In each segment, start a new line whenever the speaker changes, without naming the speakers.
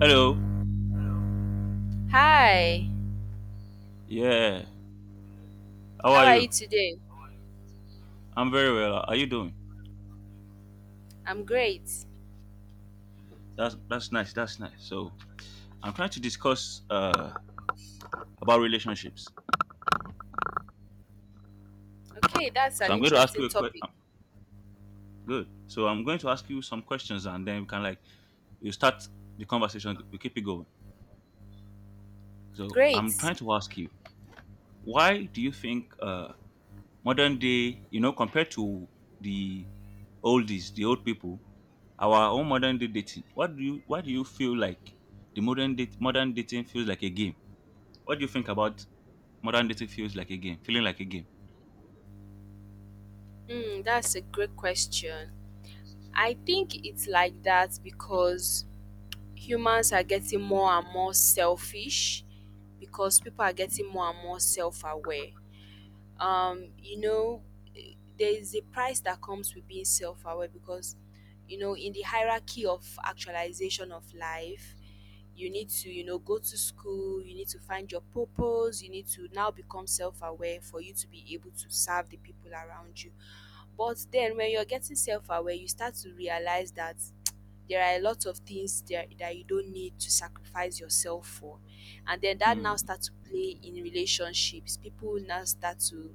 Hello.
Hi,
Yeah. How
how
are
are you
you?
today?
I'm very well. How are you doing?
I'm great.
That's nice. That's nice. So I'm trying to discuss about relationships.
Okay, that's an
So I'm going to ask
interesting
you a question.
topic.
Good. So I'm going to ask you some questions, and then we can, like, you start the conversation. We keep it going. So
Great.
I'm trying to ask you, why do you think modern day, you know, compared to the oldies, the old people, our own modern day dating. What do you feel like the modern dating feels like a game? What do you think about modern dating feels like a game, feeling like a game?
Hmm, that's a great question. I think it's like that because humans are getting more and more selfish because people are getting more and more self-aware. Um, you know, there is a price that comes with being self-aware because you know, in the hierarchy of actualization of life, you need to you know go to school, you need to find your purpose, you need to now become self-aware for you to be able to serve the people around you. But then when you're getting self-aware, you start to realize that there are a lot of things there that you don't need to sacrifice yourself for. And then that
Hmm.
now starts to play in relationships. People now start to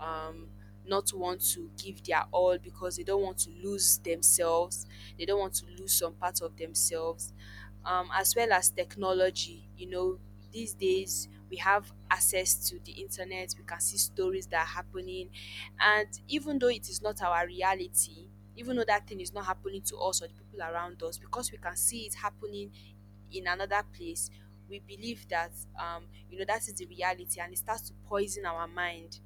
um not want to give their all because they don't want to lose themselves, they don't want to lose some part of themselves. As well as technology. You know, these days we have access to the internet, we can see stories that are happening, and even though it is not our reality, even though that thing is not happening to us or the people around us, because we can see it happening in another place, we believe that you know, that is the reality, and it starts to poison our mind.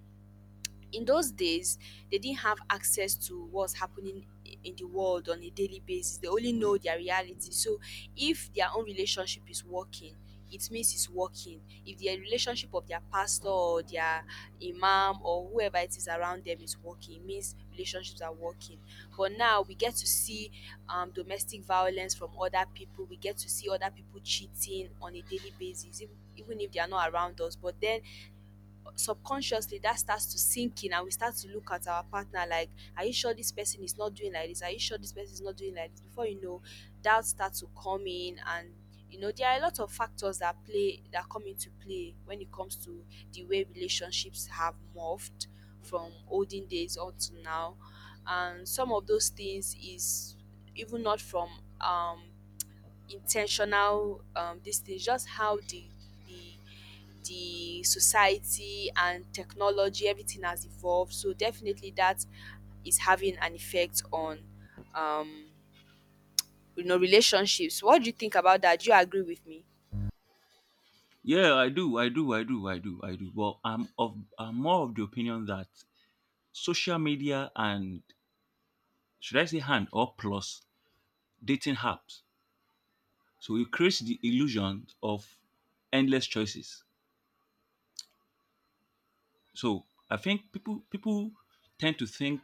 In those days, they didn't have access to what's happening in the world on a daily basis. They only
Hmm.
know their reality. So if their own relationship is working, it means it's working. If the relationship of their pastor or their imam or whoever it is around them is working, it means relationships are working. But now we get to see, domestic violence from other people, we get to see other people cheating on a daily basis, even if they are not around us, but then subconsciously that starts to sink in and we start to look at our partner like, are you sure this person is not doing like this, are you sure this person is not doing like this? Before you know, doubt starts to come in. And you know, there are a lot of factors that play, that come into play when it comes to the way relationships have morphed from olden days on to now. And some of those things is even not from um intentional, this thing, just how the the the society and technology, everything has evolved. So definitely that is having an effect on um you know, relationships. What do you think about that? Do you agree with me?
Yeah, I do, I do, I do, I do, I do. Well, I'm more of the opinion that social media and, should I say, hand or plus dating apps. So it creates the illusion of endless choices. So I think people tend to think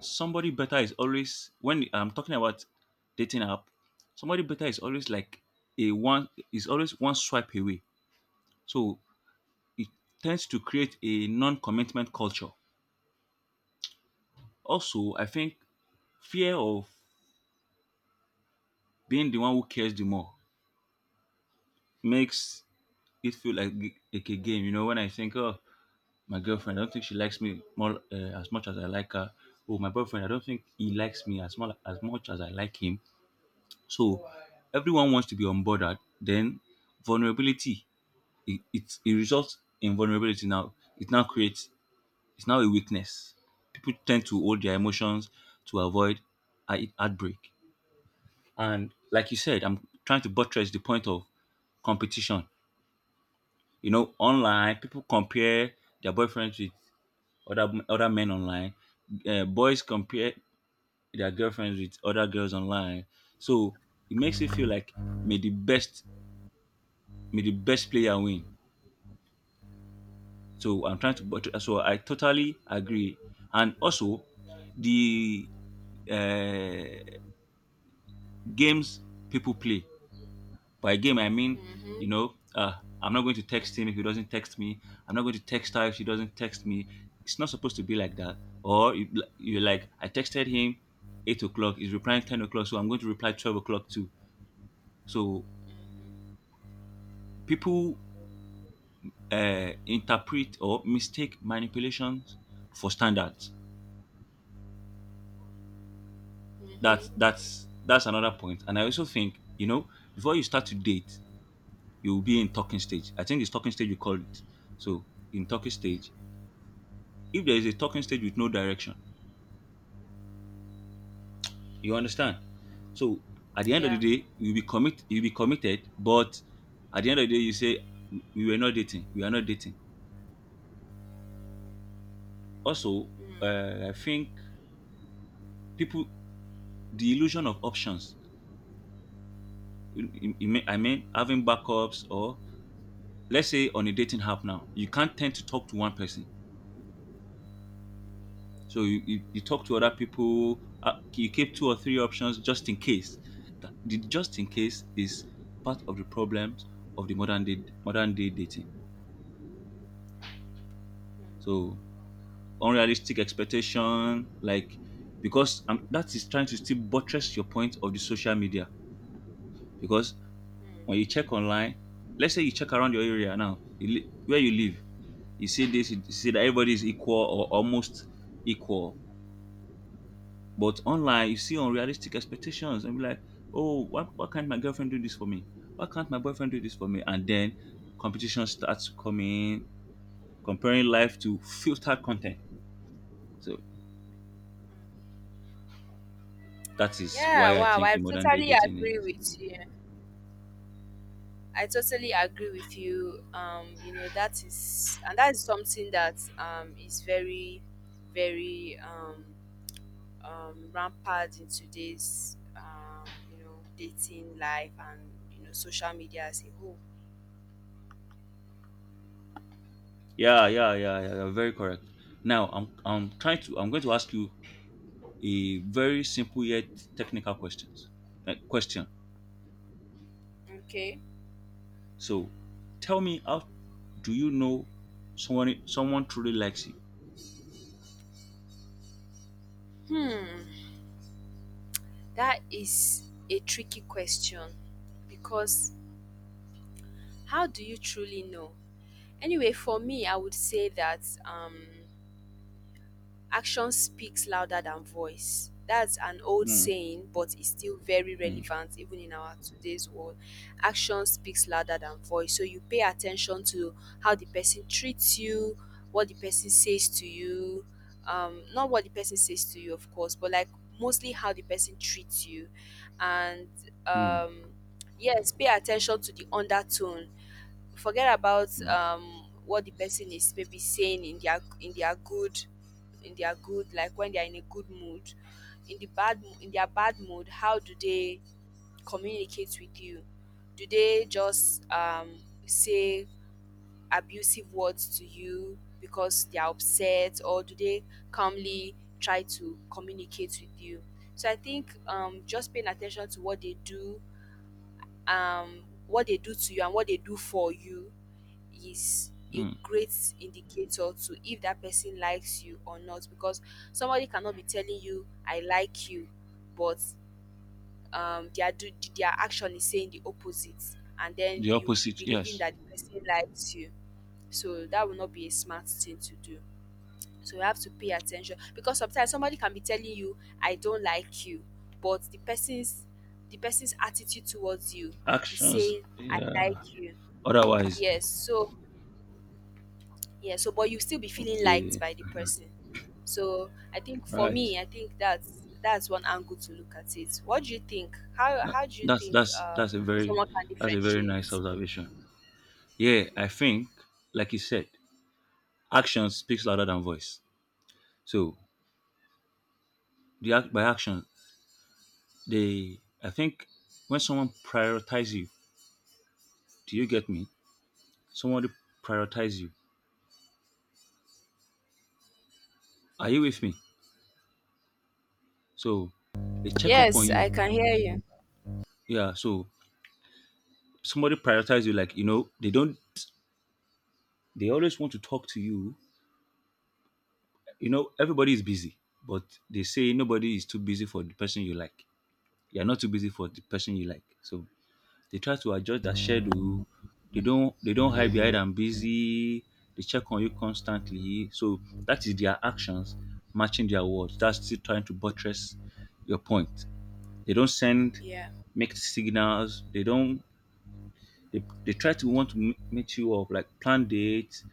somebody better is always, when I'm talking about dating app, somebody better is always like a one is always one swipe away. So it tends to create a non-commitment culture. Also, I think fear of being the one who cares the more makes it feel like like a game. You know, when I think, oh, my girlfriend, I don't think she likes me more as much as I like her. Oh, my boyfriend, I don't think he likes me as much as I like him. So everyone wants to be unbothered. Then vulnerability, it results in vulnerability now. It's now a weakness. People tend to hold their emotions to avoid heartbreak. And like you said, I'm trying to buttress the point of competition. You know, online, people compare their boyfriends with other men online. Boys compare their girlfriends with other girls online. So it makes you feel like may the best may the best player win. So I'm trying to, but so I totally agree. And also, the uh, games people play. By game, I mean,
Mm-hmm,
you know, uh, I'm not going to text him if he doesn't text me. I'm not going to text her if she doesn't text me. It's not supposed to be like that. Or you're like, I texted him 8 o'clock. He's replying 10 o'clock, so I'm going to reply 12 o'clock too. So people interpret or mistake manipulations for standards. That's
mm-hmm,
that's that's another point. And I also think, you know, before you start to date, you will be in talking stage. I think it's talking stage you call it. So in talking stage, if there is a talking stage with no direction, you understand. So at the end of the
yeah,
day, you'll be committed, but at the end of the day, you say we were not dating, we are not dating. Also,
mm,
I think people the illusion of options. I mean, having backups, or let's say on a dating app now, you can't tend to talk to one person. So you talk to other
mm,
people. You keep two or three options just in case. The just in case is part of the problems of the modern day dating.
mm,
So unrealistic expectation, like, because that is trying to still buttress your point of the social media. Because when you
mm.
check online, let's say you check around your area now, where you live, you see this, you see that everybody is equal or almost equal. But online, you see unrealistic expectations and be like, oh, why can't my girlfriend do this for me? Why can't my boyfriend do this for me? And then competition starts to come in, comparing life to filtered content. So that is
Yeah,
why I
wow,
think
I
the modern day
totally
dating
agree
is.
with you. I totally agree with you. You know, that is, and that is something that is very, very, rampant in today's you know, dating life and you know, social media as a whole.
Yeah, yeah, yeah, yeah. You're very correct. Now I'm trying to I'm going to ask you a very simple yet technical question.
Okay.
So tell me, how do you know someone truly likes you?
Hmm. That is a tricky question because how do you truly know? Anyway, for me, I would say that action speaks louder than voice. That's an old
Mm,
saying, but it's still very
mm,
relevant even in our today's world. Action speaks louder than voice. So you pay attention to how the person treats you, what the person says to you, not what the person says to you, of course, but like mostly how the person treats you. And
mm.
um, yes, pay attention to the undertone. Forget about what the person is maybe saying in their in their good like when they are in a good mood. In the in their bad mood, how do they communicate with you? Do they just say abusive words to you because they are upset, or do they calmly try to communicate with you? So I think just paying attention to what they do, what they do to you and what they do for you, is a
Mm.
great indicator to if that person likes you or not. Because somebody cannot be telling you I like you, but um their do their action is saying the opposite, and then
The
you'll be
opposite,
believing
yes.
that the person likes you. So that will not be a smart thing to do. So you have to pay attention because sometimes somebody can be telling you I don't like you, but the person's attitude towards you is
Actions,
saying I
yeah.
like you.
Otherwise,
Yes, so yeah, so but you still be feeling liked
okay,
by the person. So I think for
right.
me, I think that's one angle to look at it. What do you think?
That,
How do you
that's
think
that's that's a very
someone can
that's a very nice
differentiate?
observation. Yeah, I think, like you said, action speaks louder than voice. So the act by action, they I think when someone prioritizes you, do you get me? Somebody prioritizes you. Are you with me? So they check up on
Yes, I
you.
can hear you.
Yeah. So somebody prioritizes you, like, they don't. They always want to talk to you. Everybody is busy, but they say nobody is too busy for the person you like. You're not too busy for the person you like. So they try to adjust their schedule. They don't hide
Mm-hmm.
behind I'm busy. They check on you constantly. So that is their actions matching their words. That's still trying to buttress your point. They don't send
Yeah,
mixed signals. They don't they try to want to meet you up, like, plan dates.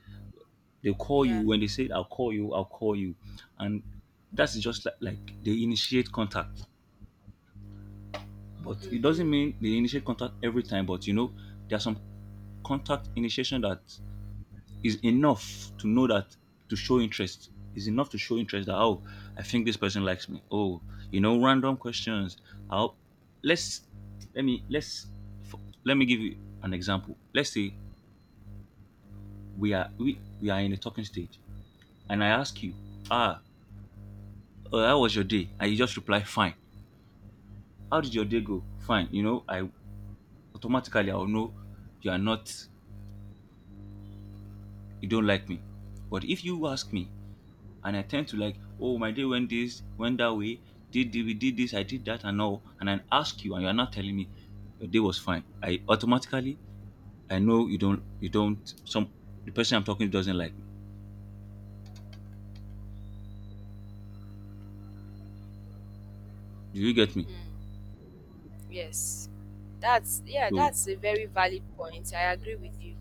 They call you
yeah.
when they say, I'll call you, I'll call you. And that's just like they initiate contact. But it
Mm-hmm.
doesn't mean they initiate contact every time. But you know, there's some contact initiation that is enough to know that to show interest. Is enough to show interest that, oh, I think this person likes me. Oh, random questions. I'll let's let me let's f- let me give you an example. Let's say we are in a talking stage and I ask you, ah, how was your day? And you just reply, fine. How did your day go? Fine. You know, I'll know, you are not, you don't like me. But if you ask me and I tend to like, oh, my day went this, went that way, we did this, I did that and all, and I ask you and you are not telling me your day was fine. I know, you don't, you don't, some, the person I'm talking to doesn't like me. Do you get me?
Mm. Yes, that's yeah,
So,
that's a very valid point. I agree with you.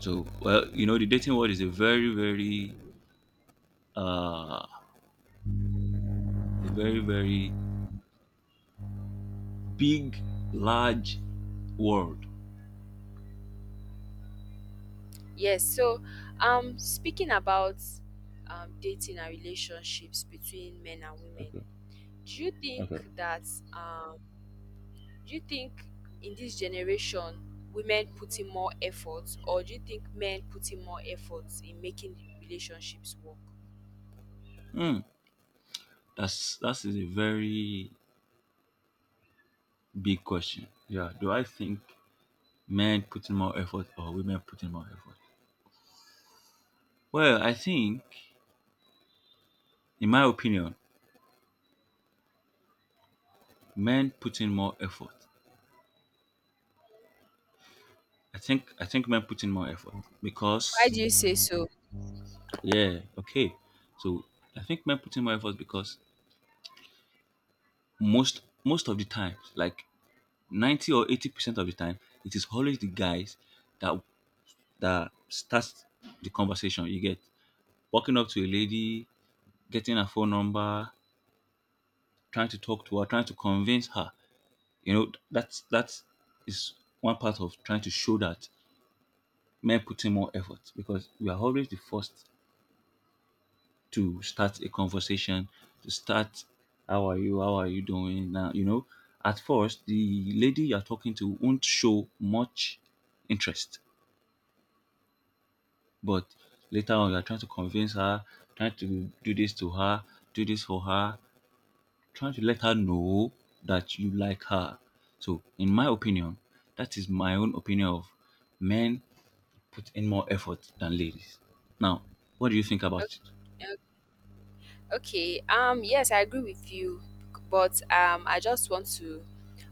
well, you know, the dating world is a very, very uh a very, very big, large world?
Yes. So, speaking about dating and relationships between men and women,
Okay.
do you
Okay.
think that um Do you think in this generation women put in more effort, or do you think men put in more efforts in making the relationships work?
Hmm. That is a very big question. Yeah. Do I think men putting more effort or women putting more effort? Well, I think, in my opinion, men putting more effort. I think men putting more effort
Why
because,
do you say so?
yeah, okay. So I think men putting more effort because most of the time, like, 90 or 80% of the time, it is always the guys that that starts the conversation. You get walking up to a lady, getting her phone number, trying to talk to her, trying to convince her. You know, that's is one part of trying to show that men put in more effort because we are always the first to start a conversation, to start how are you doing now, you know. At first, the lady you're talking to won't show much interest. But later on, you are trying to convince her, trying to do this to her, do this for her, trying to let her know that you like her. So, in my opinion, that is my own opinion of men put in more effort than ladies. Now, what do you think about it?
Okay, okay, yes, I agree with you, but I just want to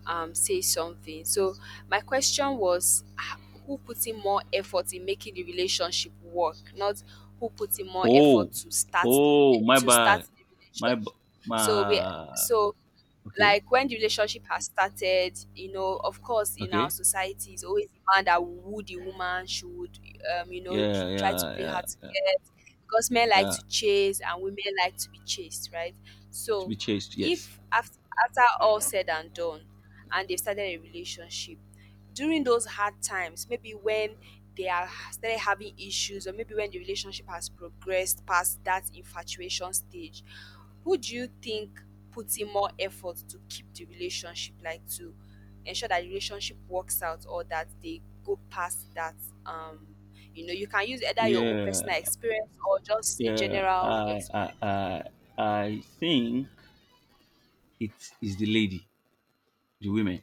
say something. So my question was, ah, who put in more effort in making the relationship work, not who put in more effort
Oh,
to start
oh, my
to start
bad,
the
my b-
relationship. So we
my.
so
Okay,
like when the relationship has started, you know, of course, in our
okay,
society, it's always the man that woo the woman should, you know,
yeah,
try
yeah,
to play
yeah,
hard to
yeah,
get, because men like
yeah.
to chase and women like to be chased, right?
To
So,
be chased, yes.
if after, after all said and done, and they've started a relationship, during those hard times, maybe when they are started having issues, or maybe when the relationship has progressed past that infatuation stage, who do you think put in more effort to keep the relationship, like to ensure that the relationship works out or that they go past that? Um, you know, you can use either your own
Yeah.
personal experience or just a
Yeah,
general experience.
I think it is the lady, the women,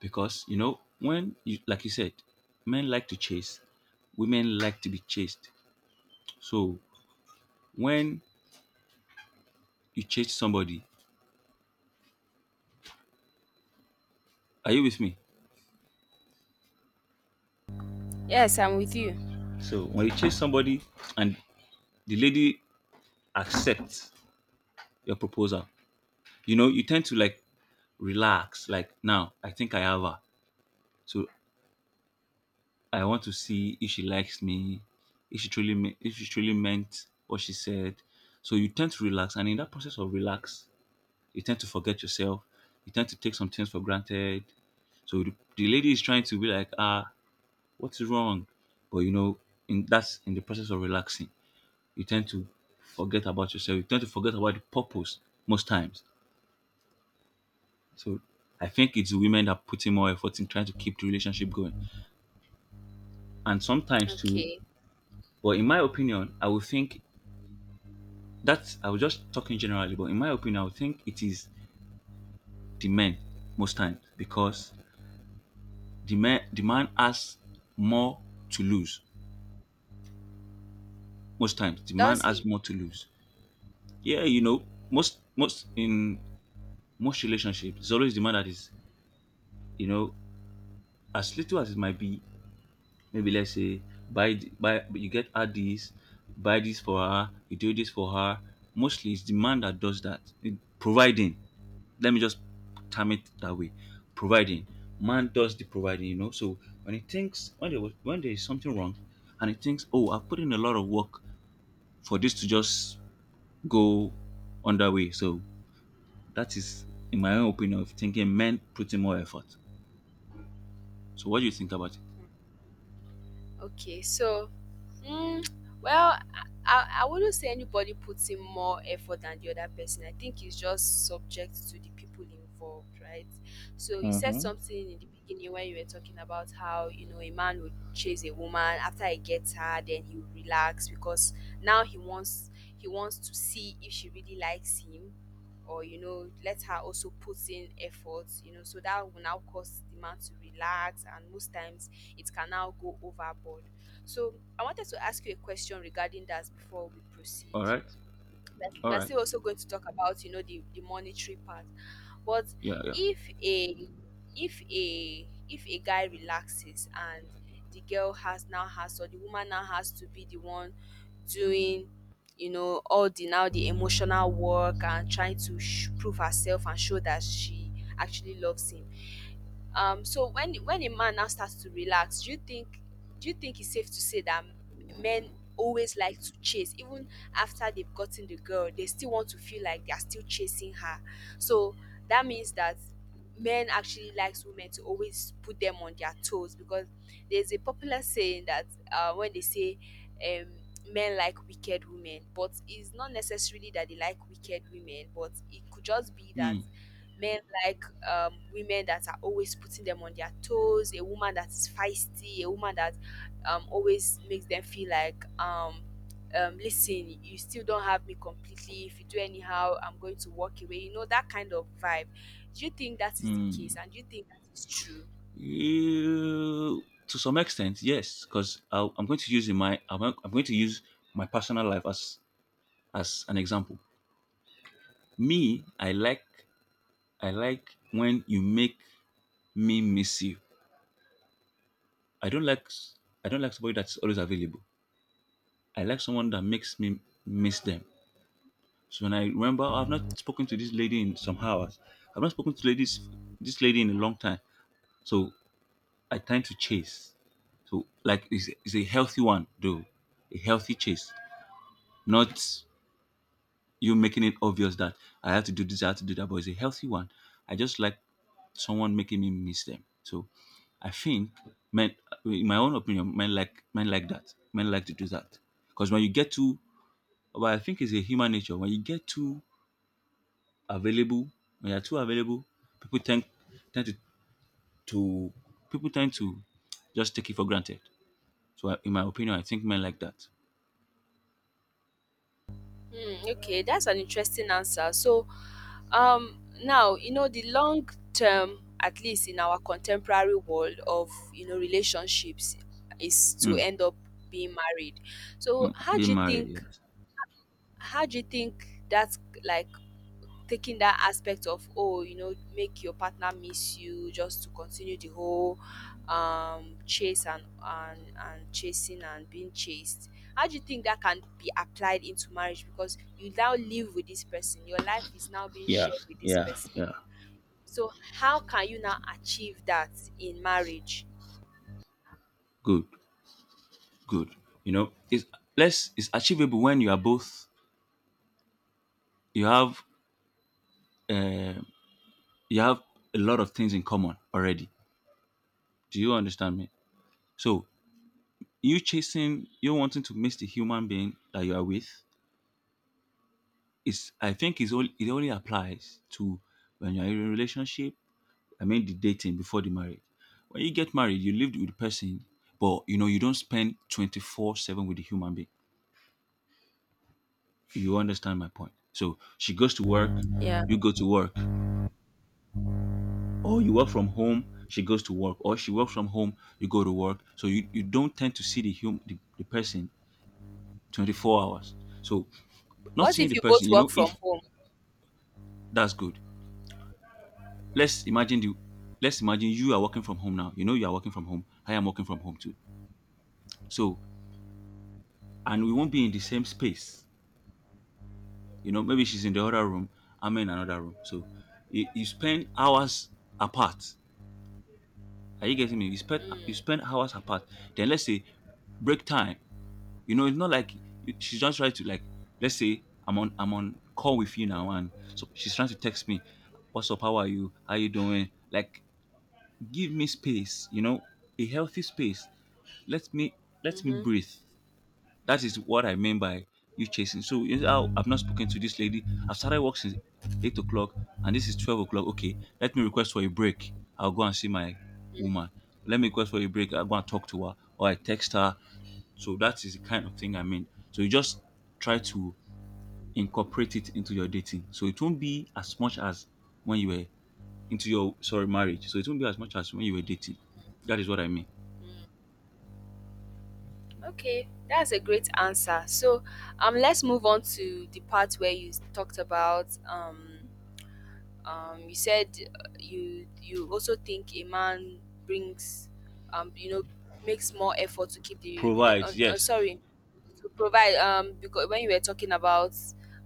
because you know when you like you said, men like to chase, women like to be chased. So when you chase somebody, are you with me?
Yes, I'm with you.
So when you chase somebody and the lady accepts your proposal, you know, you tend to like relax. Like, now I think I have her. So I want to see if she likes me, if she truly meant what she said. So you tend to relax, and in that process of relax, you tend to forget yourself. You tend to take some things for granted. So the lady is trying to be like, what's wrong? But you know, in the process of relaxing, you tend to forget about yourself. You tend to forget about the purpose most times. So I think it's women that putting more effort in trying to keep the relationship going, and sometimes too.
Okay.
But in my opinion, I would think. That's I was just talking generally, but in my opinion, I would think it is the men most times because the man has more to lose most times. The man
Does
has
he?
more to lose. Yeah, you know, most in most relationships, it's always the man that is, you know as little as it might be. Maybe let's say buy, you get her this, buy this for her, you do this for her. Mostly, it's the man that does that, providing. Let me just term it that way, providing. Man does the providing, you know. So when he thinks, when there was when there is something wrong, and he thinks, oh, I've put in a lot of work for this to just go underway. So that is, in my own opinion of thinking, men put in more effort. So what do you think about it?
Hmm. Okay. So mm, well, I wouldn't say anybody puts in more effort than the other person. I think it's just subject to the people involved, right? So you said
Mm-hmm.
something in the beginning when you were talking about how you know a man would chase a woman after he gets her, then he will relax because now he wants, he wants to see if she really likes him. Or you know, let her also put in effort, you know, so that will now cause the man to relax, and most times it can now go overboard. So I wanted to ask you a question regarding that before we proceed.
All right.
we're
All
we're
right.
still also going to talk about you know the monetary part, but
Yeah, yeah.
if a if a guy relaxes and the girl has now has, or the woman now has to be the one doing, you know, all the now the emotional work, and trying to prove herself and show that she actually loves him, so when a man now starts to relax, do you think, do you think it's safe to say that men always like to chase even after they've gotten the girl, they still want to feel like they are still chasing her. So that means that men actually likes women to always put them on their toes, because there's a popular saying that, when they say um, men like wicked women, but it's not necessarily that they like wicked women, but it could just be that
Hmm.
men like women that are always putting them on their toes, a woman that is feisty, a woman that always makes them feel like listen, you still don't have me completely, if you do anyhow I'm going to walk away, you know, that kind of vibe. Do you think that is the case,
Hmm.
and do you think that is true?
You, to some extent, yes, because I'm going to use my personal life as an example. Me, I like, I like when you make me miss you. I don't like s- I don't like somebody that's always available. I like someone that makes me miss them. So when I remember, I've not spoken to this lady in some hours. I've not spoken to ladies this lady in a long time. So I tend to chase. So like it's a healthy one though. A healthy chase. Not you making it obvious that I have to do this, I have to do that, but it's a healthy one. I just like someone making me miss them. So I think men, in my own opinion, men like, men like that. Men like to do that because when you get too, well, I think it's a human nature. When you get too available, when you're too available, people tend tend to people tend to just take it for granted. In my opinion, I think men like that.
Hmm, okay, that's an interesting answer. So now you know the long term at least in our contemporary world of you know relationships is to
Mm.
end up being married. So
Mm.
how do
Being
you
married,
think,
yes.
how do you think that like taking that aspect of oh you know make your partner miss you just to continue the whole chase and and chasing and being chased, how do you think that can be applied into marriage, because you now live with this person, your life is now being
Yeah,
shared with this
yeah,
person.
yeah.
So how can you now achieve that in marriage?
Good. Good, you know, it's less it's achievable when you are both, you have uh, you have a lot of things in common already. Do you understand me? So you chasing, you wanting to miss the human being that you are with is, I think is only, it only applies to when you're in a relationship, I mean the dating before the marriage. When you get married, you lived with the person, but you know, you don't spend 24/7 with the human being. You understand my point? So she goes to work,
Yeah.
you go to work, or you work from home, she goes to work, or she works from home, you go to work. So you don't tend to see the person 24 hours. So not
What
seeing
if
the
you
person,
both
you
work
know,
from
if
home?
that's good. let's imagine the let's imagine you are working from home now. You know, you are working from home, I am working from home too. So and we won't be in the same space. You know, maybe she's in the other room, I'm in another room. So you spend hours apart. Are you getting me? You spend, you spend hours apart. Then let's say break time. You know, it's not like she's just trying to, like, let's say I'm on call with you now, and so she's trying to text me, "What's up? How are you? How you doing?" Like, give me space. You know, a healthy space. Let me Let me
Mm-hmm.
breathe. That is what I mean by you chasing. So you know, how I've not spoken to this lady. I've started work since 8 o'clock, and this is 12 o'clock. Okay, let me request for a break. I'll go and see my woman. Let me request for a break. I'll go and talk to her, or I text her. So that is the kind of thing I mean. So you just try to incorporate it into your dating. So it won't be as much as when you were into your sorry marriage. So it won't be as much as when you were dating. That is what I mean.
Okay, that's a great answer. So let's move on to the part where you talked about you said you also think a man brings, um, you know, makes more effort to keep the rela-
Provides, yes.
sorry to provide, because when you were talking about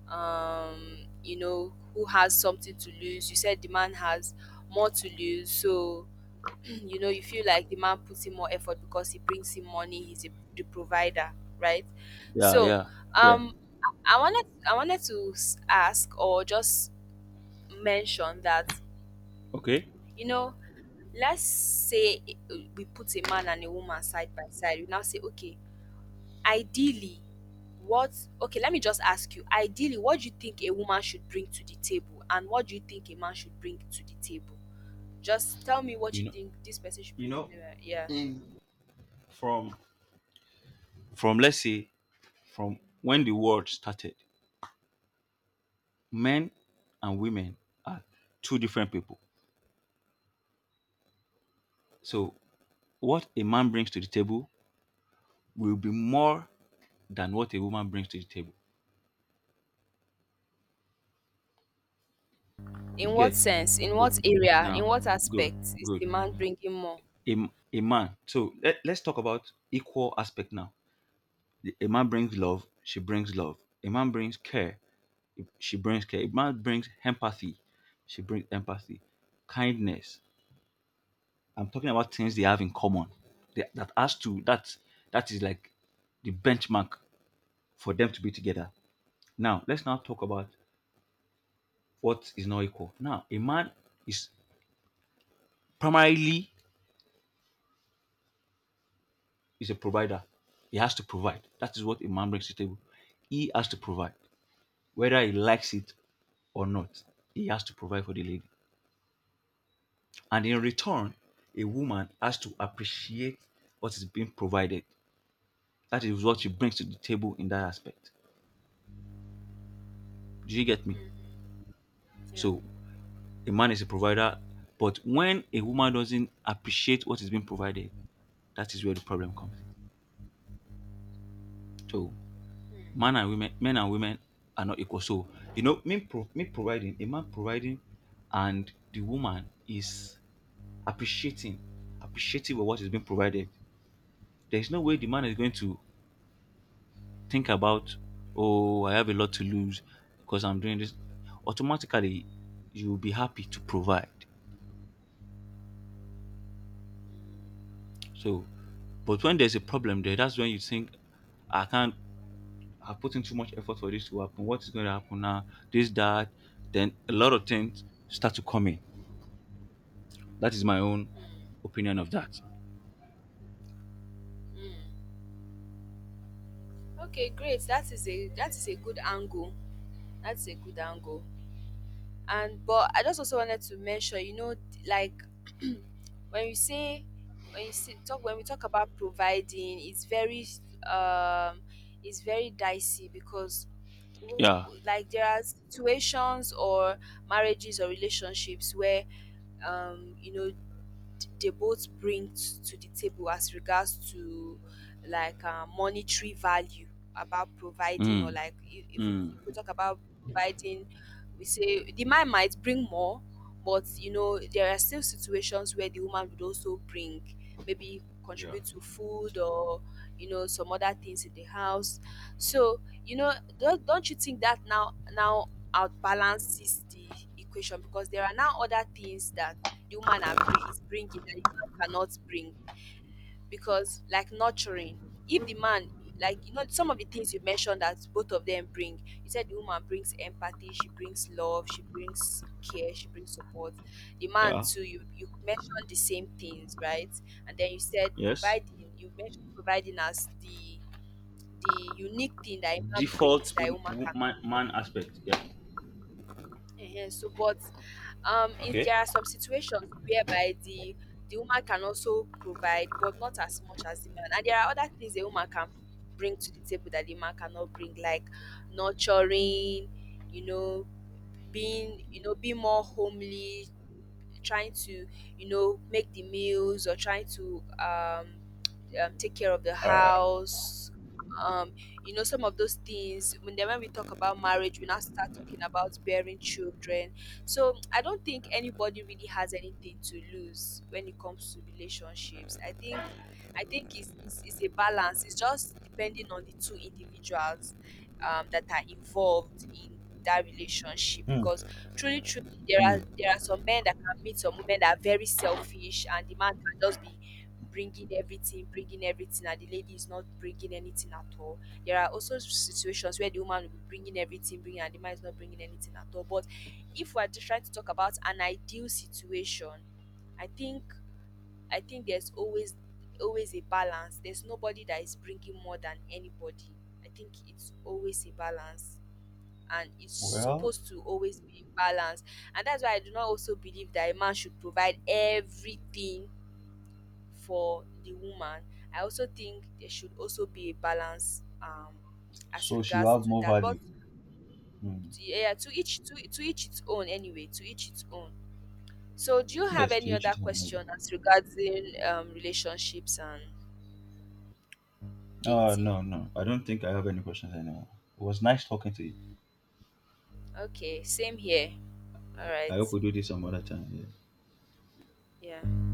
who has something to lose, you said the man has more to lose. So you know, you feel like the man puts in more effort because he brings in money. He's a, the provider, right?
Yeah,
So
yeah, yeah.
um I wanted I wanted to ask or just mention that,
Okay.
you know, let's say we put a man and a woman side by side. We now say, okay, ideally, what, okay, let me just ask you, ideally, what do you think a woman should bring to the table and what do you think a man should bring to the table? Just tell me what
You
you
know.
think this person should
you
bring to the
know
table. Yeah.
from from let's say, from when the world started, men and women are two different people. So what a man brings to the table will be more than what a woman brings to the table.
In
You
what
get?
sense? In
So
what area? In
now,
what
good,
aspect is
good.
the man bringing more?
A man, so let, let's talk about equal aspect now. The- a man brings love, she brings love. A man brings care, she brings care. A man brings empathy, she brings empathy. Kindness. I'm talking about things they have in common. That has to, that, that is like the benchmark for them to be together. Now let's now talk about what is not equal. Now a man is primarily is a provider. He has to provide. That is what a man brings to the table. He has to provide, whether he likes it or not. He has to provide for the lady, and in return, a woman has to appreciate what is being provided. That is what she brings to the table in that aspect. Do you get me?
Mhm. Yeah.
So a man is a provider. But when a woman doesn't appreciate what is being provided, that is where the problem comes in. So
Hmm.
men and women are not equal. So you know, me, pro- me providing, a man providing, and the woman is appreciating, appreciative of what is being provided. There is no way the man is going to think about, oh, I have a lot to lose because I'm doing this. Automatically, you will be happy to provide. So, but when there's a problem there, that's when you think I can't. I put in too much effort for this to happen. What is going to happen now? This, that, then a lot of things start to come in. That is my own
Hmm.
opinion of that.
Hmm. Okay, great. That is a good angle. That's a good angle. And but I just also wanted to mention, you know, like when you say when you say, talk when we talk about providing, um it's very dicey because
Yeah.
like there are situations or marriages or relationships where um you know they both bring to the table as regards to like monetary value about providing. Or
Mm.
like
Mm.
if we talk about providing, we say the man might bring more, but you know, there are still situations where the woman would also bring, maybe contribute to food or you know, some other things in the house. So you know, don't you think that now outbalances the equation, because there are now other things that the woman is bringing that the man cannot bring? Because like nurturing, if the man, like you know, some of the things you mentioned that both of them bring, you said the woman brings empathy, she brings love, she brings care, she brings support. The man
Yeah.
too, you mentioned the same things, right? And then you said
Yes.
providing. You mentioned providing as the unique thing that a man brings
Default
that a woman cannot
man, man
bring.
aspect. Yeah.
Ehen, so, but if
Okay.
there are some situations whereby the woman can also provide, but not as much as the man. And there are other things a woman can bring to the table that the man cannot bring, like nurturing, you know, you know, being more homely, trying to you know make the meals, or trying to take care of the house, some of those things. When then when we talk about marriage, we now start talking about bearing children. So I don't think anybody really has anything to lose when it comes to relationships. I think it's, it's a balance. It's just depending on the two individuals that are involved in that relationship. Because truly, truly, there are some men that can meet some women that are very selfish, and the man can just be bringing everything, and the lady is not bringing anything at all. There are also situations where the woman will be bringing everything, bringing, and the man is not bringing anything at all. But if we are just trying to talk about an ideal situation, I think there's always a balance. There's nobody that is bringing more than anybody. I think it's always a balance, and it's
Well,
supposed to always be in balance. And that's why I do not also believe that a man should provide everything for the woman. I also think there should also be a balance as
so she will
regards
have
to
more
that. But
value. Hmm.
yeah, to each to each its own anyway, to each its own. So do you have
Yes, to
any
each
other
his own. Maybe.
question as regarding relationships and
Uh,
dating?
no, no. I don't think I have any questions anymore. It was nice talking to you.
Okay, same here. All right.
I hope we do this some other time. Yeah.
Yeah.